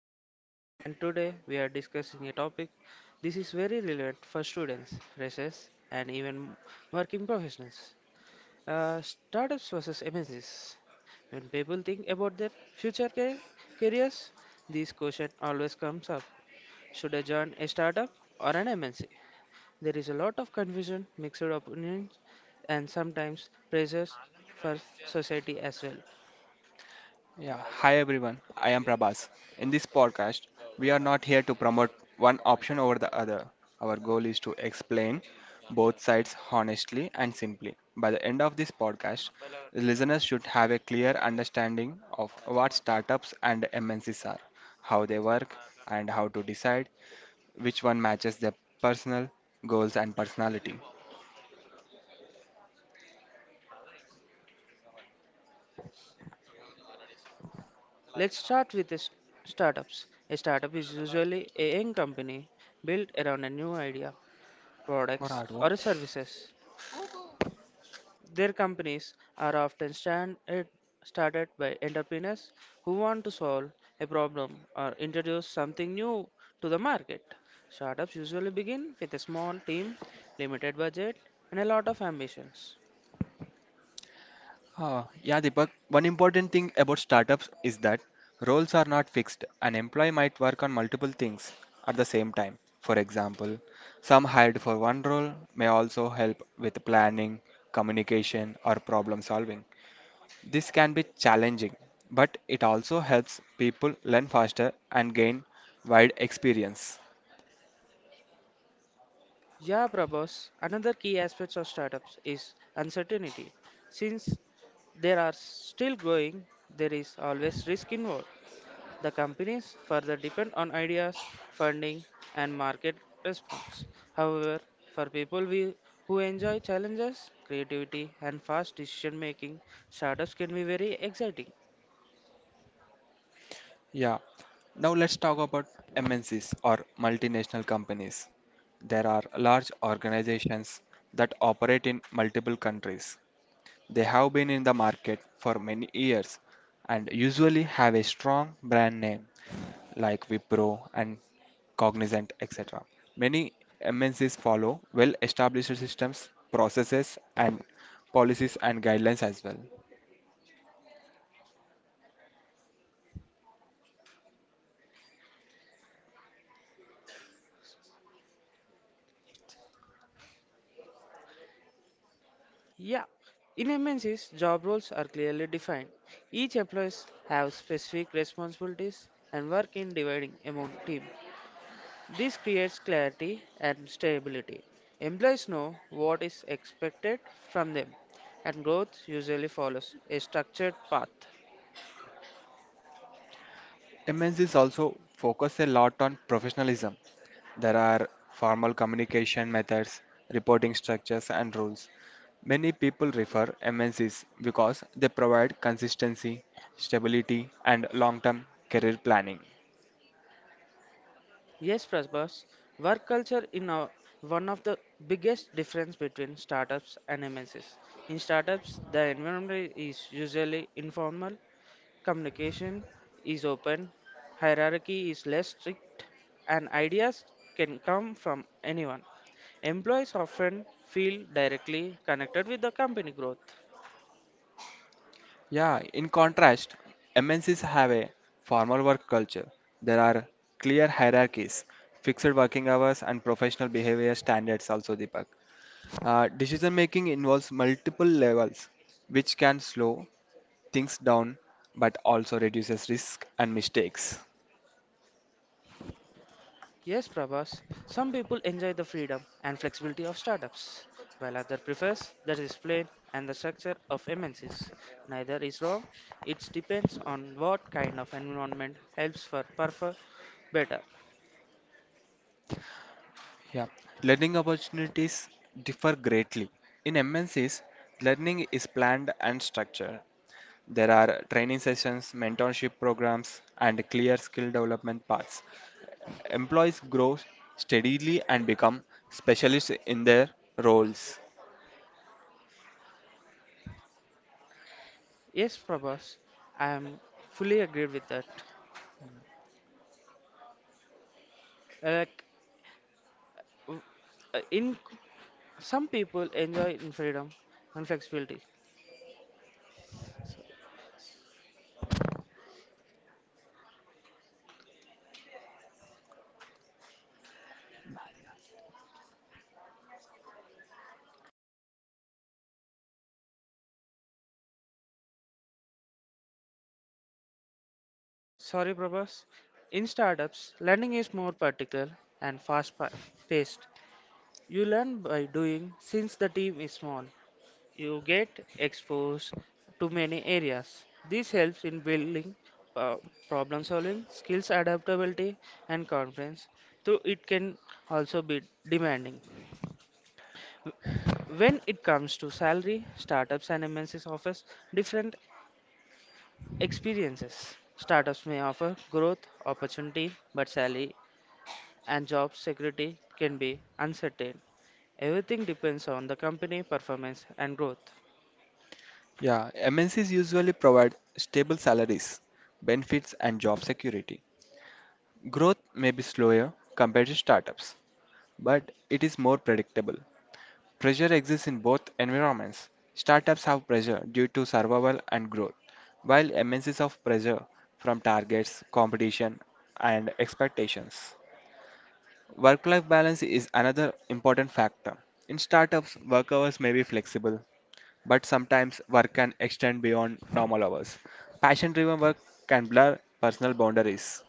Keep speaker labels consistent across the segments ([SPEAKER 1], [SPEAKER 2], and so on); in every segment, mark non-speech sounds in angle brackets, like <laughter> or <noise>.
[SPEAKER 1] Deepak and today we are discussing a topic this is very relevant for students, freshers and even working professionals. Startups versus MNCs. When people think about their future careers, this question always comes up. Should I join a startup or an MNC? There is a lot of confusion, mixed opinions and sometimes pressures for society as well.
[SPEAKER 2] Yeah, hi everyone. I am Prabhas. In this podcast, we are not here to promote one option over the other. Our goal is to explain both sides honestly and simply. By the end of this podcast, listeners should have a clear understanding of what startups and MNCs are, how they work, and how to decide which one matches their personal goals and personality.
[SPEAKER 1] Let's start with the startups. A startup is usually a young company built around a new idea,
[SPEAKER 2] What are
[SPEAKER 1] products,
[SPEAKER 2] you?
[SPEAKER 1] or services. Their companies are often standard, started by entrepreneurs who want to solve a problem or introduce something new to the market. Startups usually begin with a small team, limited budget, and a lot of ambitions.
[SPEAKER 2] Yeah, Deepak, one important thing about startups is that roles are not fixed. An employee might work on multiple things at the same time. For example, some hired for one role may also help with planning, communication, or problem solving. This can be challenging, but it also helps people learn faster and gain wide experience.
[SPEAKER 1] Yeah, Prabhas, another key aspect of startups is uncertainty. Since they are still growing, there is always risk involved. The companies further depend on ideas, funding, and market response. However, for who enjoy challenges, creativity, and fast decision making, startups can be very exciting.
[SPEAKER 2] Yeah. Now let's talk about MNCs or multinational companies. There are large organizations that operate in multiple countries. They have been in the market for many years and usually have a strong brand name like Wipro and Cognizant, etc. Many MNCs follow well established systems, processes, and policies and guidelines as well.
[SPEAKER 1] Yeah, in MNCs, job roles are clearly defined. Each employees have specific responsibilities and work in dividing among team. This creates clarity and stability. Employees know what is expected from them, and growth usually follows a structured path.
[SPEAKER 2] MNCs also focus a lot on professionalism. There are formal communication methods, reporting structures, and rules. Many people refer MNCs because they provide consistency, stability, and long-term career planning.
[SPEAKER 1] Yes, Prasbas, work culture in one of the biggest difference between startups and MNCs. In startups, the environment is usually informal. Communication is open, hierarchy is less strict, and ideas can come from anyone. Employees often feel directly connected with the company growth.
[SPEAKER 2] Yeah, in contrast, MNCs have a formal work culture. There are clear hierarchies, fixed working hours, and professional behavior standards also, Deepak. Decision making involves multiple levels, which can slow things down but also reduces risk and mistakes.
[SPEAKER 1] Yes, Prabhas, some people enjoy the freedom and flexibility of startups, while others prefers the discipline and the structure of MNCs. Neither is wrong, it depends on what kind of environment helps for perform better.
[SPEAKER 2] Yeah. Learning opportunities differ greatly. In MNCs, learning is planned and structured. There are training sessions, mentorship programs, and clear skill development paths. Employees grow steadily and become specialists in their roles.
[SPEAKER 1] Yes, Prabhas, I am fully agreed with that. Like w- in some people enjoy in freedom and flexibility. So, sorry, Prabhas. In startups, learning is more practical and fast paced. You learn by doing since the team is small. You get exposed to many areas. This helps in building uh, problem solving, skills adaptability, and confidence, though it can also be demanding. When it comes to salary, startups and MNCs offer different experiences. Startups may offer growth opportunity, but salary and job security can be uncertain. Everything depends on the company performance and growth.
[SPEAKER 2] Yeah, MNCs usually provide stable salaries, benefits, and job security. Growth may be slower compared to startups, but it is more predictable. Pressure exists in both environments. Startups have pressure due to survival and growth, while MNCs have pressure from targets, competition, and expectations. Work life balance is another important factor. In startups, work hours may be flexible, but sometimes work can extend beyond normal hours. Passion driven work can blur personal boundaries.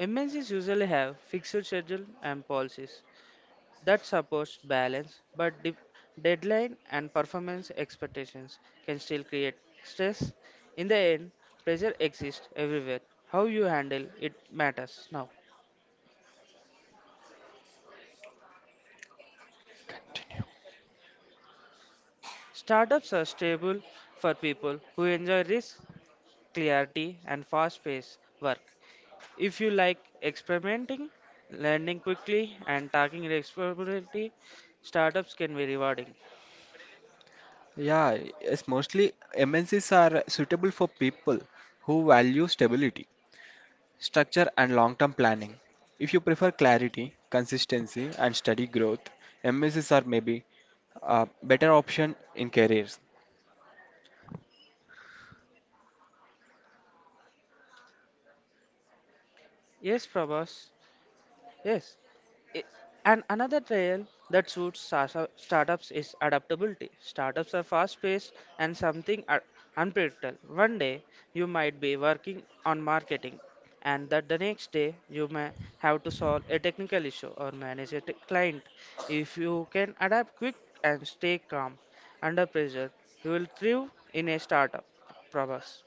[SPEAKER 1] MNCs usually have fixed schedule and policies, that supports balance, but deadline and performance expectations can still create stress. In the end, pressure exists everywhere. How you handle it matters now. Startups are stable for people who enjoy risk, clarity, and fast paced work. If you like experimenting, learning quickly, and taking responsibility, startups can be rewarding.
[SPEAKER 2] Yeah, yes, mostly MNCs are suitable for people who value stability. Structure and long term planning. If you prefer clarity, consistency, and steady growth, MSCs are maybe a better option in careers.
[SPEAKER 1] Yes, Prabhas. Yes. I- And another trail that suits startups is adaptability. Startups are fast paced and something unpredictable. One day you might be working on marketing, and that the next day you may have to solve a technical issue or manage a client. If you can adapt quick and stay calm under pressure, you will thrive in a startup. Prabhas.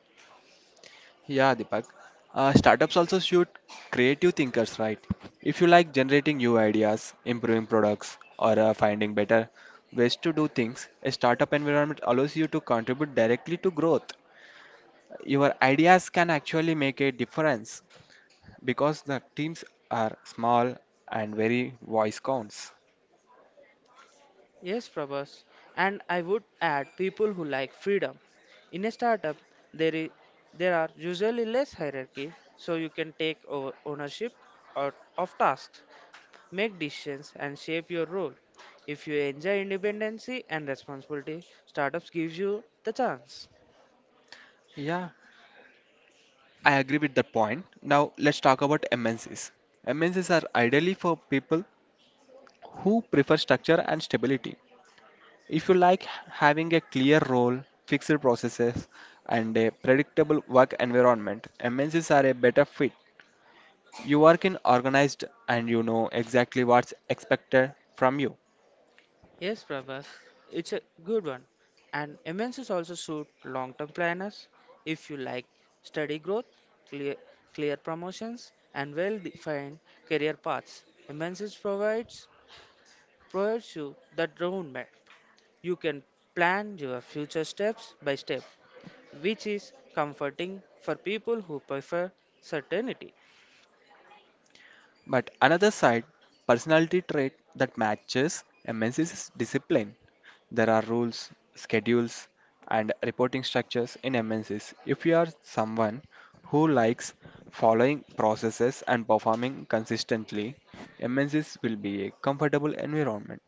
[SPEAKER 2] Yeah, Deepak. Startups also shoot creative thinkers, right? If you like generating new ideas, improving products, or finding better ways to do things, a startup environment allows you to contribute directly to growth. Your ideas can actually make a difference because the teams are small and very voice counts.
[SPEAKER 1] Yes, Prabhas. And I would add people who like freedom. In a startup, there is there are usually less hierarchy, so you can take over ownership or of tasks, make decisions, and shape your role. If you enjoy independency and responsibility, startups gives you the chance.
[SPEAKER 2] Yeah, I agree with that point. Now let's talk about MNCs. MNCs are ideally for people who prefer structure and stability. If you like having a clear role, fixed processes, and a predictable work environment, MNCs are a better fit. You work in organized and you know exactly what's expected from you.
[SPEAKER 1] Yes, Prabhas, it's a good one. And MNCs also suit long-term planners if you like steady growth, clear, clear promotions, and well-defined career paths. MNCs provides you that roadmap. You can plan your future steps by step, which is comforting for people who prefer certainty.
[SPEAKER 2] But another side, personality trait that matches MNCs is discipline. There are rules, schedules, and reporting structures in MNCs. If you are someone who likes following processes and performing consistently, MNCs will be a comfortable environment.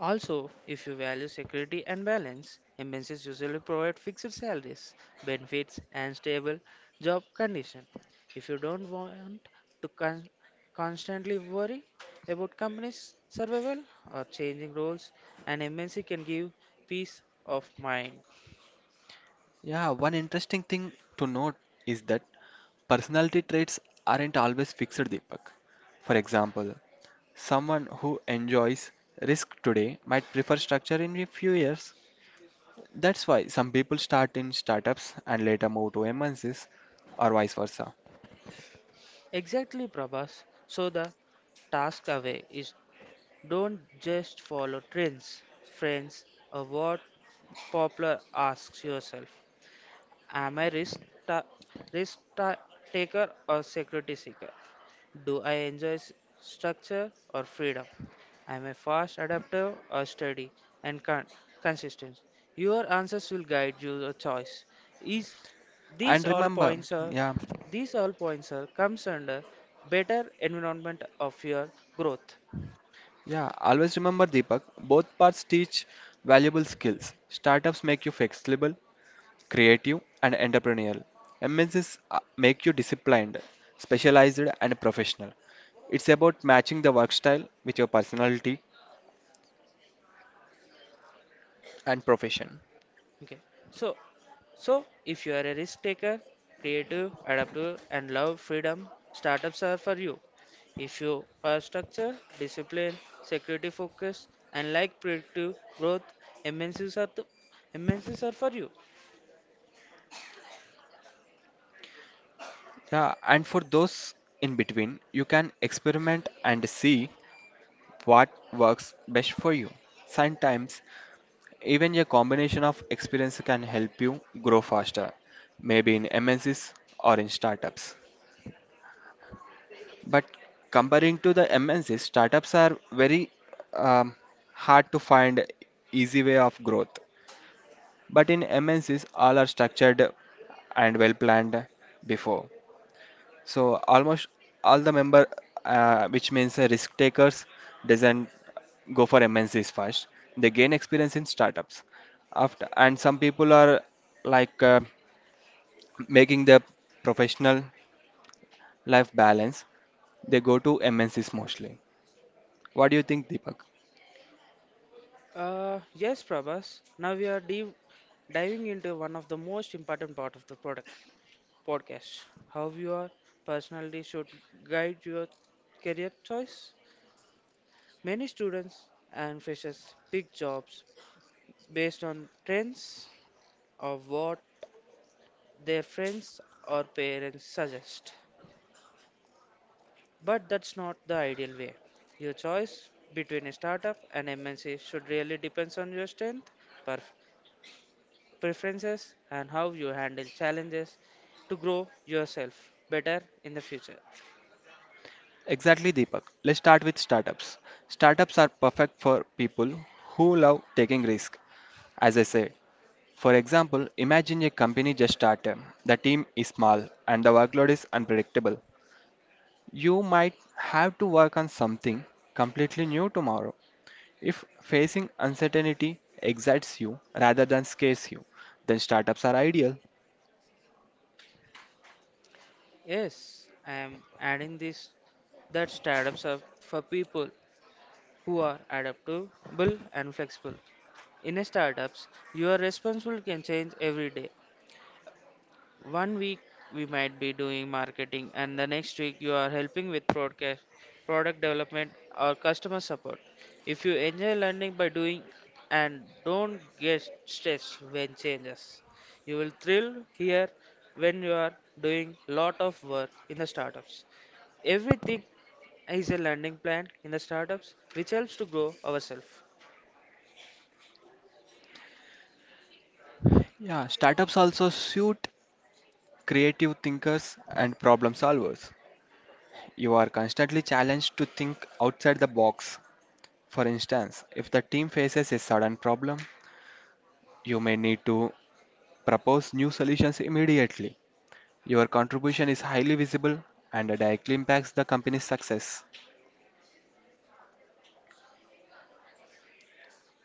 [SPEAKER 1] Also, if you value security and balance, MNCs usually provide fixed salaries, benefits, and stable job conditions. If you don't want to constantly worry about companies' survival or changing roles, an MNC can give peace of mind.
[SPEAKER 2] Yeah, one interesting thing to note is that personality traits aren't always fixed, Deepak. For example, someone who enjoys risk today might prefer structure in a few years. That's why some people start in startups and later move to MNCs or vice versa.
[SPEAKER 1] Exactly, Prabhas. So the task away is don't just follow trends, friends, or what popular asks yourself. Am I ta- risk ta- taker or security seeker? Do I enjoy structure or freedom? Am I fast adapter or steady and consistent? Your answers will guide your choice. Is these
[SPEAKER 2] And
[SPEAKER 1] all
[SPEAKER 2] remember,
[SPEAKER 1] points are
[SPEAKER 2] yeah,
[SPEAKER 1] These all points are comes under better environment of your growth.
[SPEAKER 2] yeah, always remember Deepak, both paths teach valuable skills. Startups make you flexible, creative, and entrepreneurial. MNCs make you disciplined, specialized, and professional. It's about matching the work style with your personality and profession.
[SPEAKER 1] Okay, so So, if you are a risk taker, creative, adaptive, and love freedom, startups are for you. If you are structured, disciplined, security focused, and like predictive growth, MNCs are, the, MNCs are for you.
[SPEAKER 2] Yeah, and for those in between, you can experiment and see what works best for you. Sometimes, even a combination of experience can help you grow faster, maybe in MNCs or in startups. But comparing to the MNCs, startups are very um, hard to find easy way of growth. But in MNCs, all are structured and well planned before. So almost all the member, which means risk takers, doesn't go for MNCs first. They gain experience in startups. After and some people are like making their professional life balance. They go to MNCs mostly. What do you think, Deepak?
[SPEAKER 1] Yes, Prabhas, now we are deep diving into one of the most important part of the product podcast how your personality should guide your career choice many students and freshers pick jobs based on trends or what their friends or parents suggest. But that's not the ideal way. Your choice between a startup and MNC should really depends on your strength, perf- preferences, and how you handle challenges to grow yourself better in the future.
[SPEAKER 2] Exactly, Deepak. Let's start with startups. Startups are perfect for people who love taking risk. As I said, for example, imagine a company just started. The team is small and the workload is unpredictable. You might have to work on something completely new tomorrow. If facing uncertainty excites you rather than scares you, then startups are ideal.
[SPEAKER 1] Yes, I am adding this that startups are for people who are adaptable and flexible. In a startups, your responsibility can change every day. One week we might be doing marketing, and the next week you are helping with broadcast, product development, or customer support. If you enjoy learning by doing and don't get stressed when changes, you will thrill here when you are doing lot of work in the startups. Everything is a learning plan in the startups which helps to grow ourselves.
[SPEAKER 2] Yeah, startups also suit creative thinkers and problem solvers. You are constantly challenged to think outside the box. For instance, if the team faces a sudden problem, you may need to propose new solutions immediately. Your contribution is highly visible and directly impacts the company's success.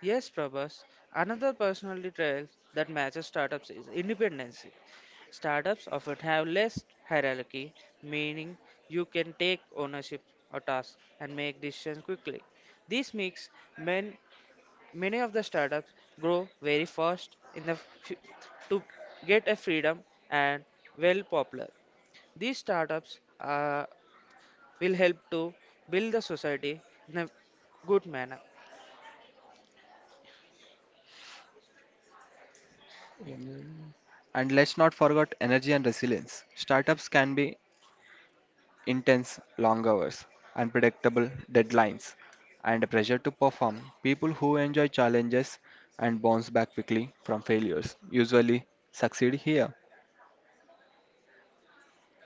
[SPEAKER 1] Yes, Prabhas. Another personality trait that matches startups is independency. Startups often have less hierarchy, meaning you can take ownership of tasks and make decisions quickly. This makes men, many of the startups grow very fast in the fu- to get a freedom and well popular. These startups will help to build the society in a good manner.
[SPEAKER 2] Mm. And let's not forget energy and resilience. Startups can be intense, long hours, unpredictable deadlines, and pressure to perform. People who enjoy challenges and bounce back quickly from failures usually succeed here.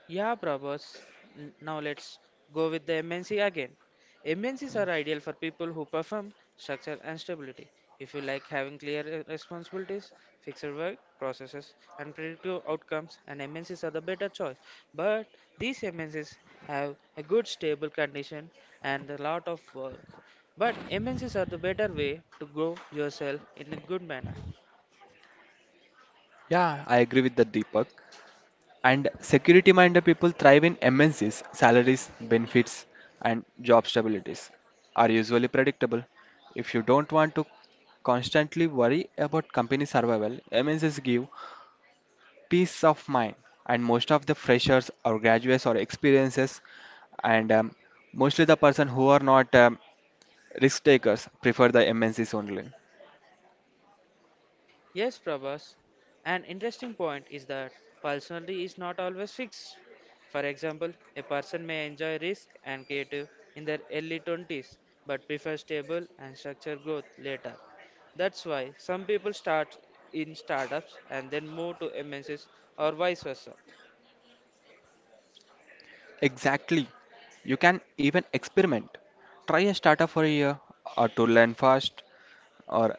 [SPEAKER 1] Yeah, Prabhas. Now let's go with the MNC again. MNCs are ideal for people who perform structure and stability. If you like having clear responsibilities, fixed work processes, and predictable outcomes, and MNCs are the better choice. But these MNCs have a good stable condition and a lot of work. But MNCs are the better way to grow yourself in a good manner.
[SPEAKER 2] Yeah, I agree with that, Deepak. And security minded people thrive in MNCs. Salaries, benefits, and job stabilities are usually predictable. If you don't want to constantly worry about company survival, MNCs give peace of mind. And most of the freshers or graduates or experiences, and mostly the person who are not risk takers prefer the MNCs only.
[SPEAKER 1] Yes, Prabhas. An interesting point is that personality is not always fixed. For example, a person may enjoy risk and creative in their early 20s but prefer stable and structured growth later. That's why some people start in startups and then move to MNCs or vice versa.
[SPEAKER 2] Exactly. You can even experiment. Try a startup for a year or to learn fast or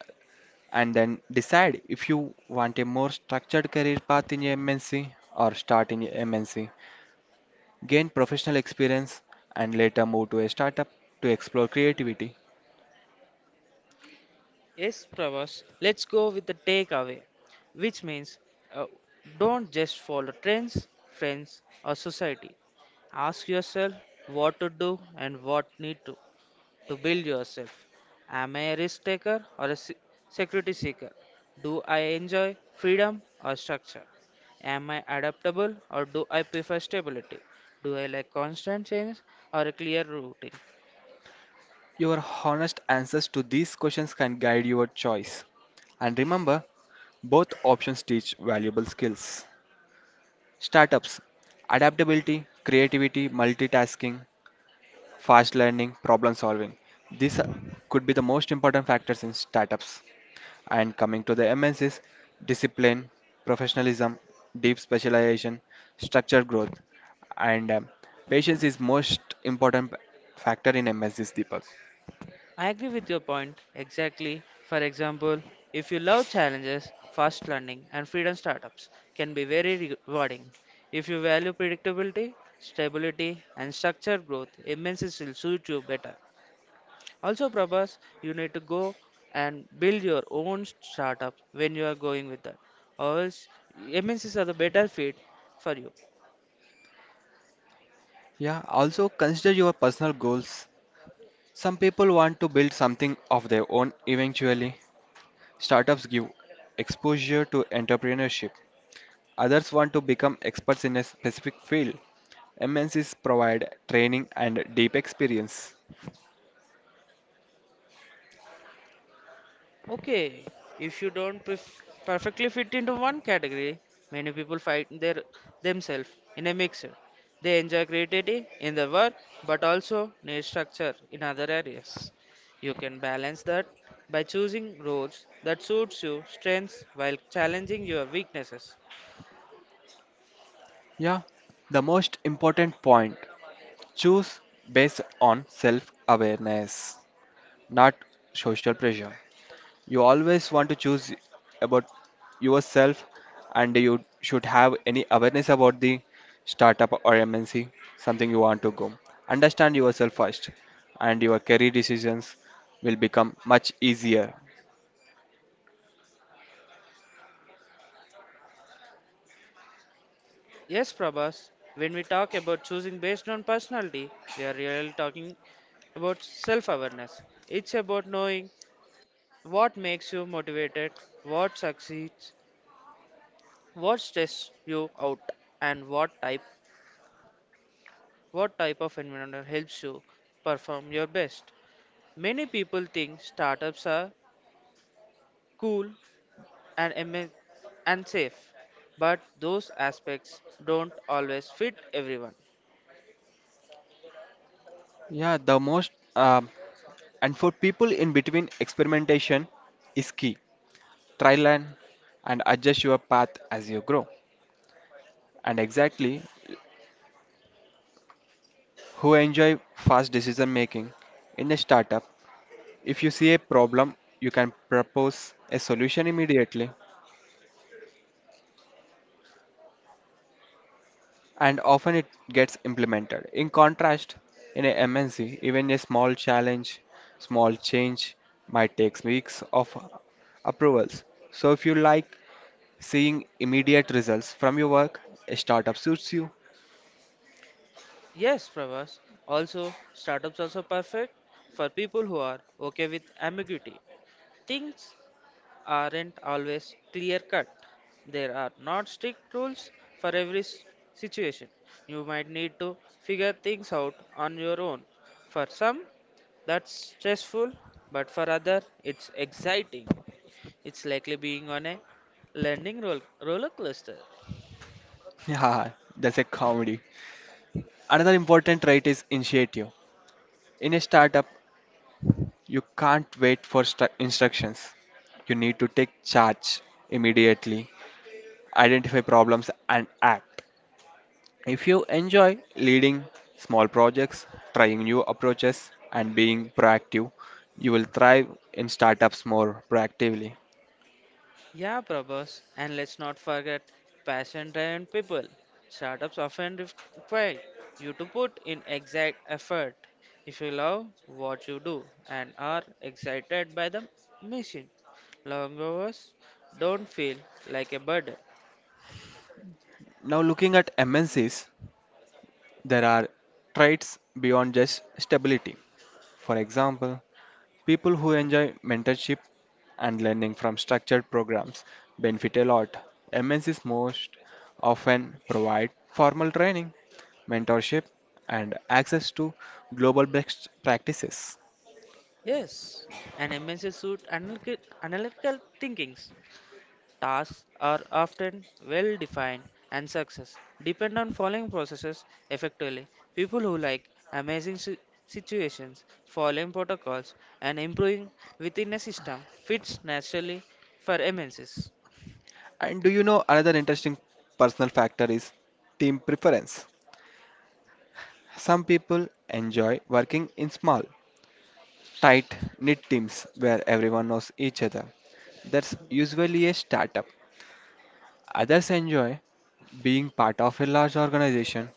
[SPEAKER 2] and then decide if you want a more structured career path in a MNC or start in a MNC, gain professional experience, and later move to a startup to explore creativity.
[SPEAKER 1] Yes, Pravas, let's go with the takeaway, which means uh, don't just follow trends, friends, or society. Ask yourself what to do and what need to build yourself. Am I a risk taker or a security seeker? Do I enjoy freedom or structure? Am I adaptable or do I prefer stability? Do I like constant change or a clear routine?
[SPEAKER 2] Your honest answers to these questions can guide your choice. And remember, both options teach valuable skills. Startups, adaptability, creativity, multitasking, fast learning, problem solving. These could be the most important factors in startups. And coming to the MNCs, discipline, professionalism, deep specialization, structured growth, and patience is most important factor in MNCs, Deepak.
[SPEAKER 1] I agree with your point exactly. For example, if you love challenges, fast learning and freedom startups can be very rewarding. If you value predictability, stability and structured growth, MNCs will suit you better. Also, Prabhas, you need to go and build your own startup when you are going with that. Or else, MNCs are the better fit for you.
[SPEAKER 2] Yeah, also consider your personal goals. Some people want to build something of their own eventually. Startups give exposure to entrepreneurship. Others want to become experts in a specific field. MNCs provide training and deep experience.
[SPEAKER 1] Okay, if you don't perfectly fit into one category, many people find their themselves in a mixer. They enjoy creativity in the work, but also need structure in other areas. You can balance that by choosing roles that suits your strengths while challenging your weaknesses.
[SPEAKER 2] Yeah, the most important point. Choose based on self awareness, not social pressure. You always want to choose about yourself, and you should have any awareness about the startup or MNC, something you want to go. Understand yourself first, and your career decisions will become much easier.
[SPEAKER 1] Yes, Prabhas, when we talk about choosing based on personality, we are really talking about self awareness. It's about knowing what makes you motivated? What succeeds? What stresses you out? And what type of environment helps you perform your best? Many people think startups are cool and ama- and safe, but those aspects don't always fit everyone.
[SPEAKER 2] Yeah, the most and for people in between, experimentation is key. Try learn and adjust your path as you grow. And exactly who enjoy fast decision making. In a startup, if you see a problem, you can propose a solution immediately and often it gets implemented. In contrast, in a MNC, even a small challenge, small change might take weeks of approvals. So if you like seeing immediate results from your work, a startup suits you. <laughs>
[SPEAKER 1] Yes, Pravas. Also, startups also perfect for people who are okay with ambiguity. Things aren't always clear cut. There are not strict rules for every situation. You might need to figure things out on your own. For some, that's stressful, but for others, it's exciting. It's likely being on a roller coaster.
[SPEAKER 2] Yeah, that's a comedy. Another important trait is initiative. In a startup, you can't wait for instructions. You need to take charge immediately, identify problems, and act. If you enjoy leading small projects, trying new approaches, and being proactive, you will thrive in startups more proactively.
[SPEAKER 1] Yeah, Prabhas, and let's not forget passion driven people. Startups often require you to put in exact effort. If you love what you do and are excited by the mission, long hours don't feel like a burden.
[SPEAKER 2] Now, looking at MNCs, there are traits beyond just stability. For example, people who enjoy mentorship and learning from structured programs benefit a lot. MNCs most often provide formal training, mentorship, and access to global best practices.
[SPEAKER 1] Yes, and MNC suit analytical thinkings. Tasks are often well defined and success depend on following processes effectively. People who like amazing situations, following protocols, and improving within a system fits naturally for MNCs.
[SPEAKER 2] And do you know another interesting personal factor is team preference? Some people enjoy working in small, tight knit teams where everyone knows each other. That's usually a startup. Others enjoy being part of a large organization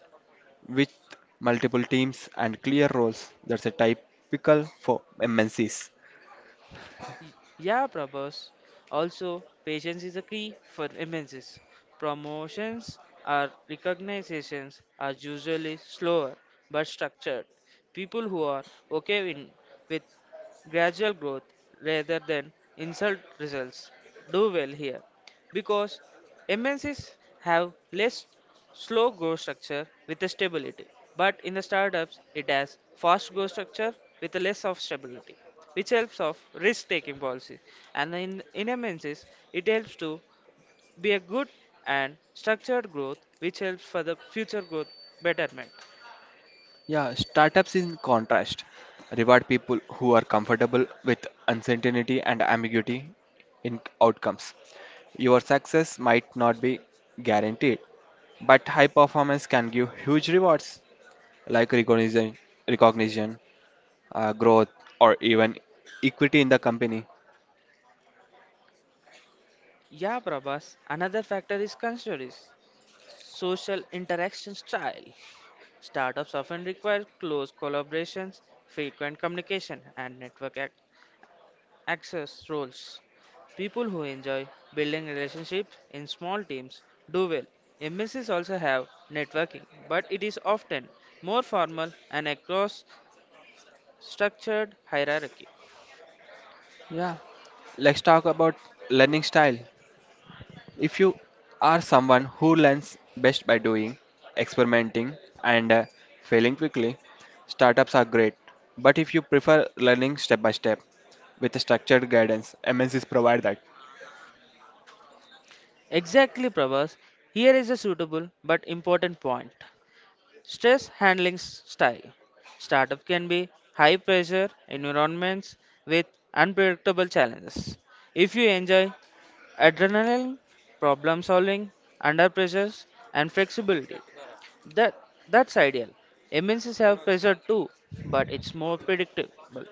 [SPEAKER 2] with multiple teams and clear roles. That's a typical for MNCs.
[SPEAKER 1] Y- Yeah, Prabhas. Also, patience is a key for MNCs. Promotions or recognitions are usually slower but structured. People who are okay in, with gradual growth rather than insult results do well here because MNCs have less slow growth structure with the stability, but in the startups it has fast growth structure with a less of stability, which helps of risk taking policy. And in MNCs it helps to be a good and structured growth, which helps for the future growth betterment.
[SPEAKER 2] Yeah, startups in contrast reward people who are comfortable with uncertainty and ambiguity in outcomes. Your success might not be guaranteed, but high performance can give huge rewards like recognition, recognition growth, or even equity in the company.
[SPEAKER 1] Yeah, Prabhas, another factor is considered is social interaction style. Startups often require close collaborations, frequent communication, and network access roles. People who enjoy building relationships in small teams do well. MNCs also have networking, but it is often more formal and across structured hierarchy.
[SPEAKER 2] Yeah, let's talk about learning style. If you are someone who learns best by doing, experimenting, and failing quickly, startups are great. But if you prefer learning step by step with structured guidance, MNCs provide that.
[SPEAKER 1] Exactly, Prabhas. Here is a suitable but important point. Stress handling style. Startup can be high pressure environments with unpredictable challenges. If you enjoy adrenaline, problem solving, under pressures, and flexibility, that that's ideal. MNCs have pressure too, but it's more predictable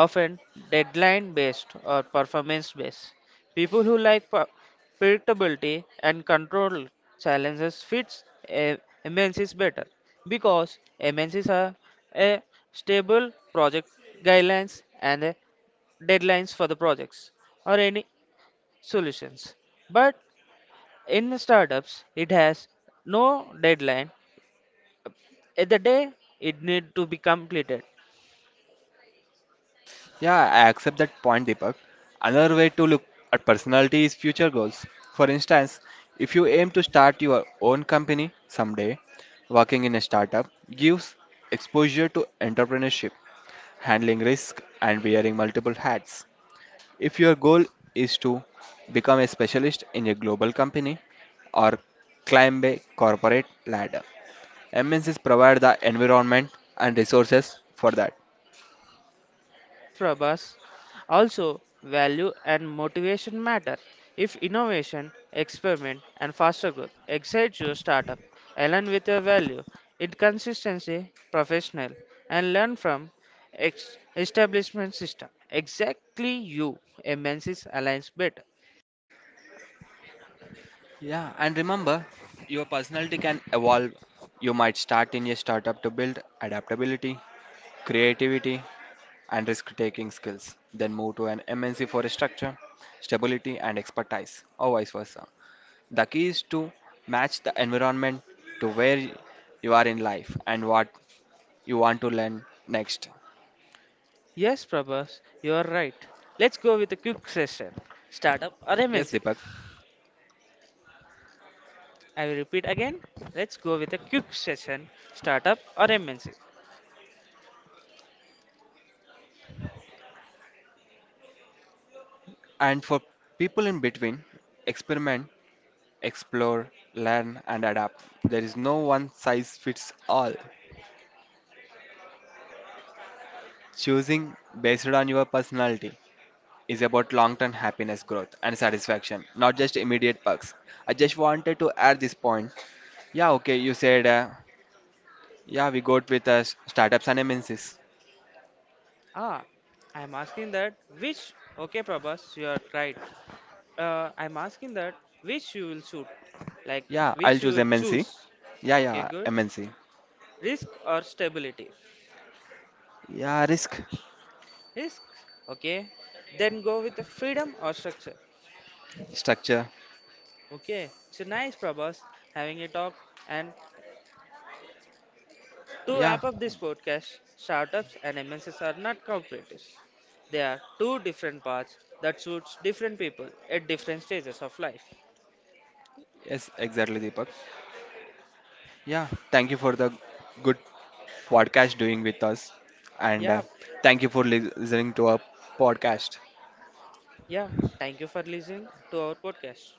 [SPEAKER 1] often deadline based or performance based. People who like predictability and control challenges fits MNCs better because MNCs are a stable project guidelines and a deadlines for the projects or any solutions. But in the startups, it has no deadline at the day it need to be completed.
[SPEAKER 2] Yeah, I accept that point, Deepak. Another way to look at personality is future goals. For instance, if you aim to start your own company someday, working in a startup gives exposure to entrepreneurship, handling risk, and wearing multiple hats. If your goal is to become a specialist in a global company or climb a corporate ladder, MNCs provide the environment and resources for that.
[SPEAKER 1] Yes, Prabhas. Also, value and motivation matter. If innovation, experiment, and faster growth excites your startup, align with your value, it consistency, professional, and learn from establishment system. Exactly you, MNCs aligns better.
[SPEAKER 2] Yeah, and remember, your personality can evolve. You might start in a startup to build adaptability, creativity, and risk taking skills, then move to an MNC for structure, stability, and expertise, or vice versa. The key is to match the environment to where you are in life and what you want to learn next.
[SPEAKER 1] Yes, Prabhas, you are right. Let's go with a quick session. Startup or
[SPEAKER 2] Yes,
[SPEAKER 1] MNC?
[SPEAKER 2] Deepak.
[SPEAKER 1] I will repeat again. Let's go with a quick session. Startup or MNC?
[SPEAKER 2] And for people in between, experiment, explore, learn, and adapt. There is no one size fits all. Choosing based on your personality is about long term happiness, growth, and satisfaction, not just immediate perks. I just wanted to add this point. Yeah, okay, you said, yeah, we got with us startups and MNCs.
[SPEAKER 1] Ah, I'm asking that which. Okay, Prabhas, you are right. I'm asking that which you will shoot, like
[SPEAKER 2] Yeah, I'll
[SPEAKER 1] which you
[SPEAKER 2] choose
[SPEAKER 1] will
[SPEAKER 2] MNC.
[SPEAKER 1] choose.
[SPEAKER 2] Yeah,
[SPEAKER 1] Okay,
[SPEAKER 2] yeah,
[SPEAKER 1] good.
[SPEAKER 2] MNC.
[SPEAKER 1] Risk or stability?
[SPEAKER 2] Yeah, risk
[SPEAKER 1] Risk. Okay. Then go with the freedom or structure.
[SPEAKER 2] structure.
[SPEAKER 1] Okay. So nice, Prabhas, having a talk. And to
[SPEAKER 2] Yeah,
[SPEAKER 1] wrap up this podcast, startups and MNCs are not cooperatives. They are two different paths that suits different people at different stages of life.
[SPEAKER 2] yes, exactly, Deepak. Yeah, thank you for the good podcast doing with us, and
[SPEAKER 1] Yeah,
[SPEAKER 2] thank you for listening to our podcast.
[SPEAKER 1] Yeah, thank you for listening to our podcast.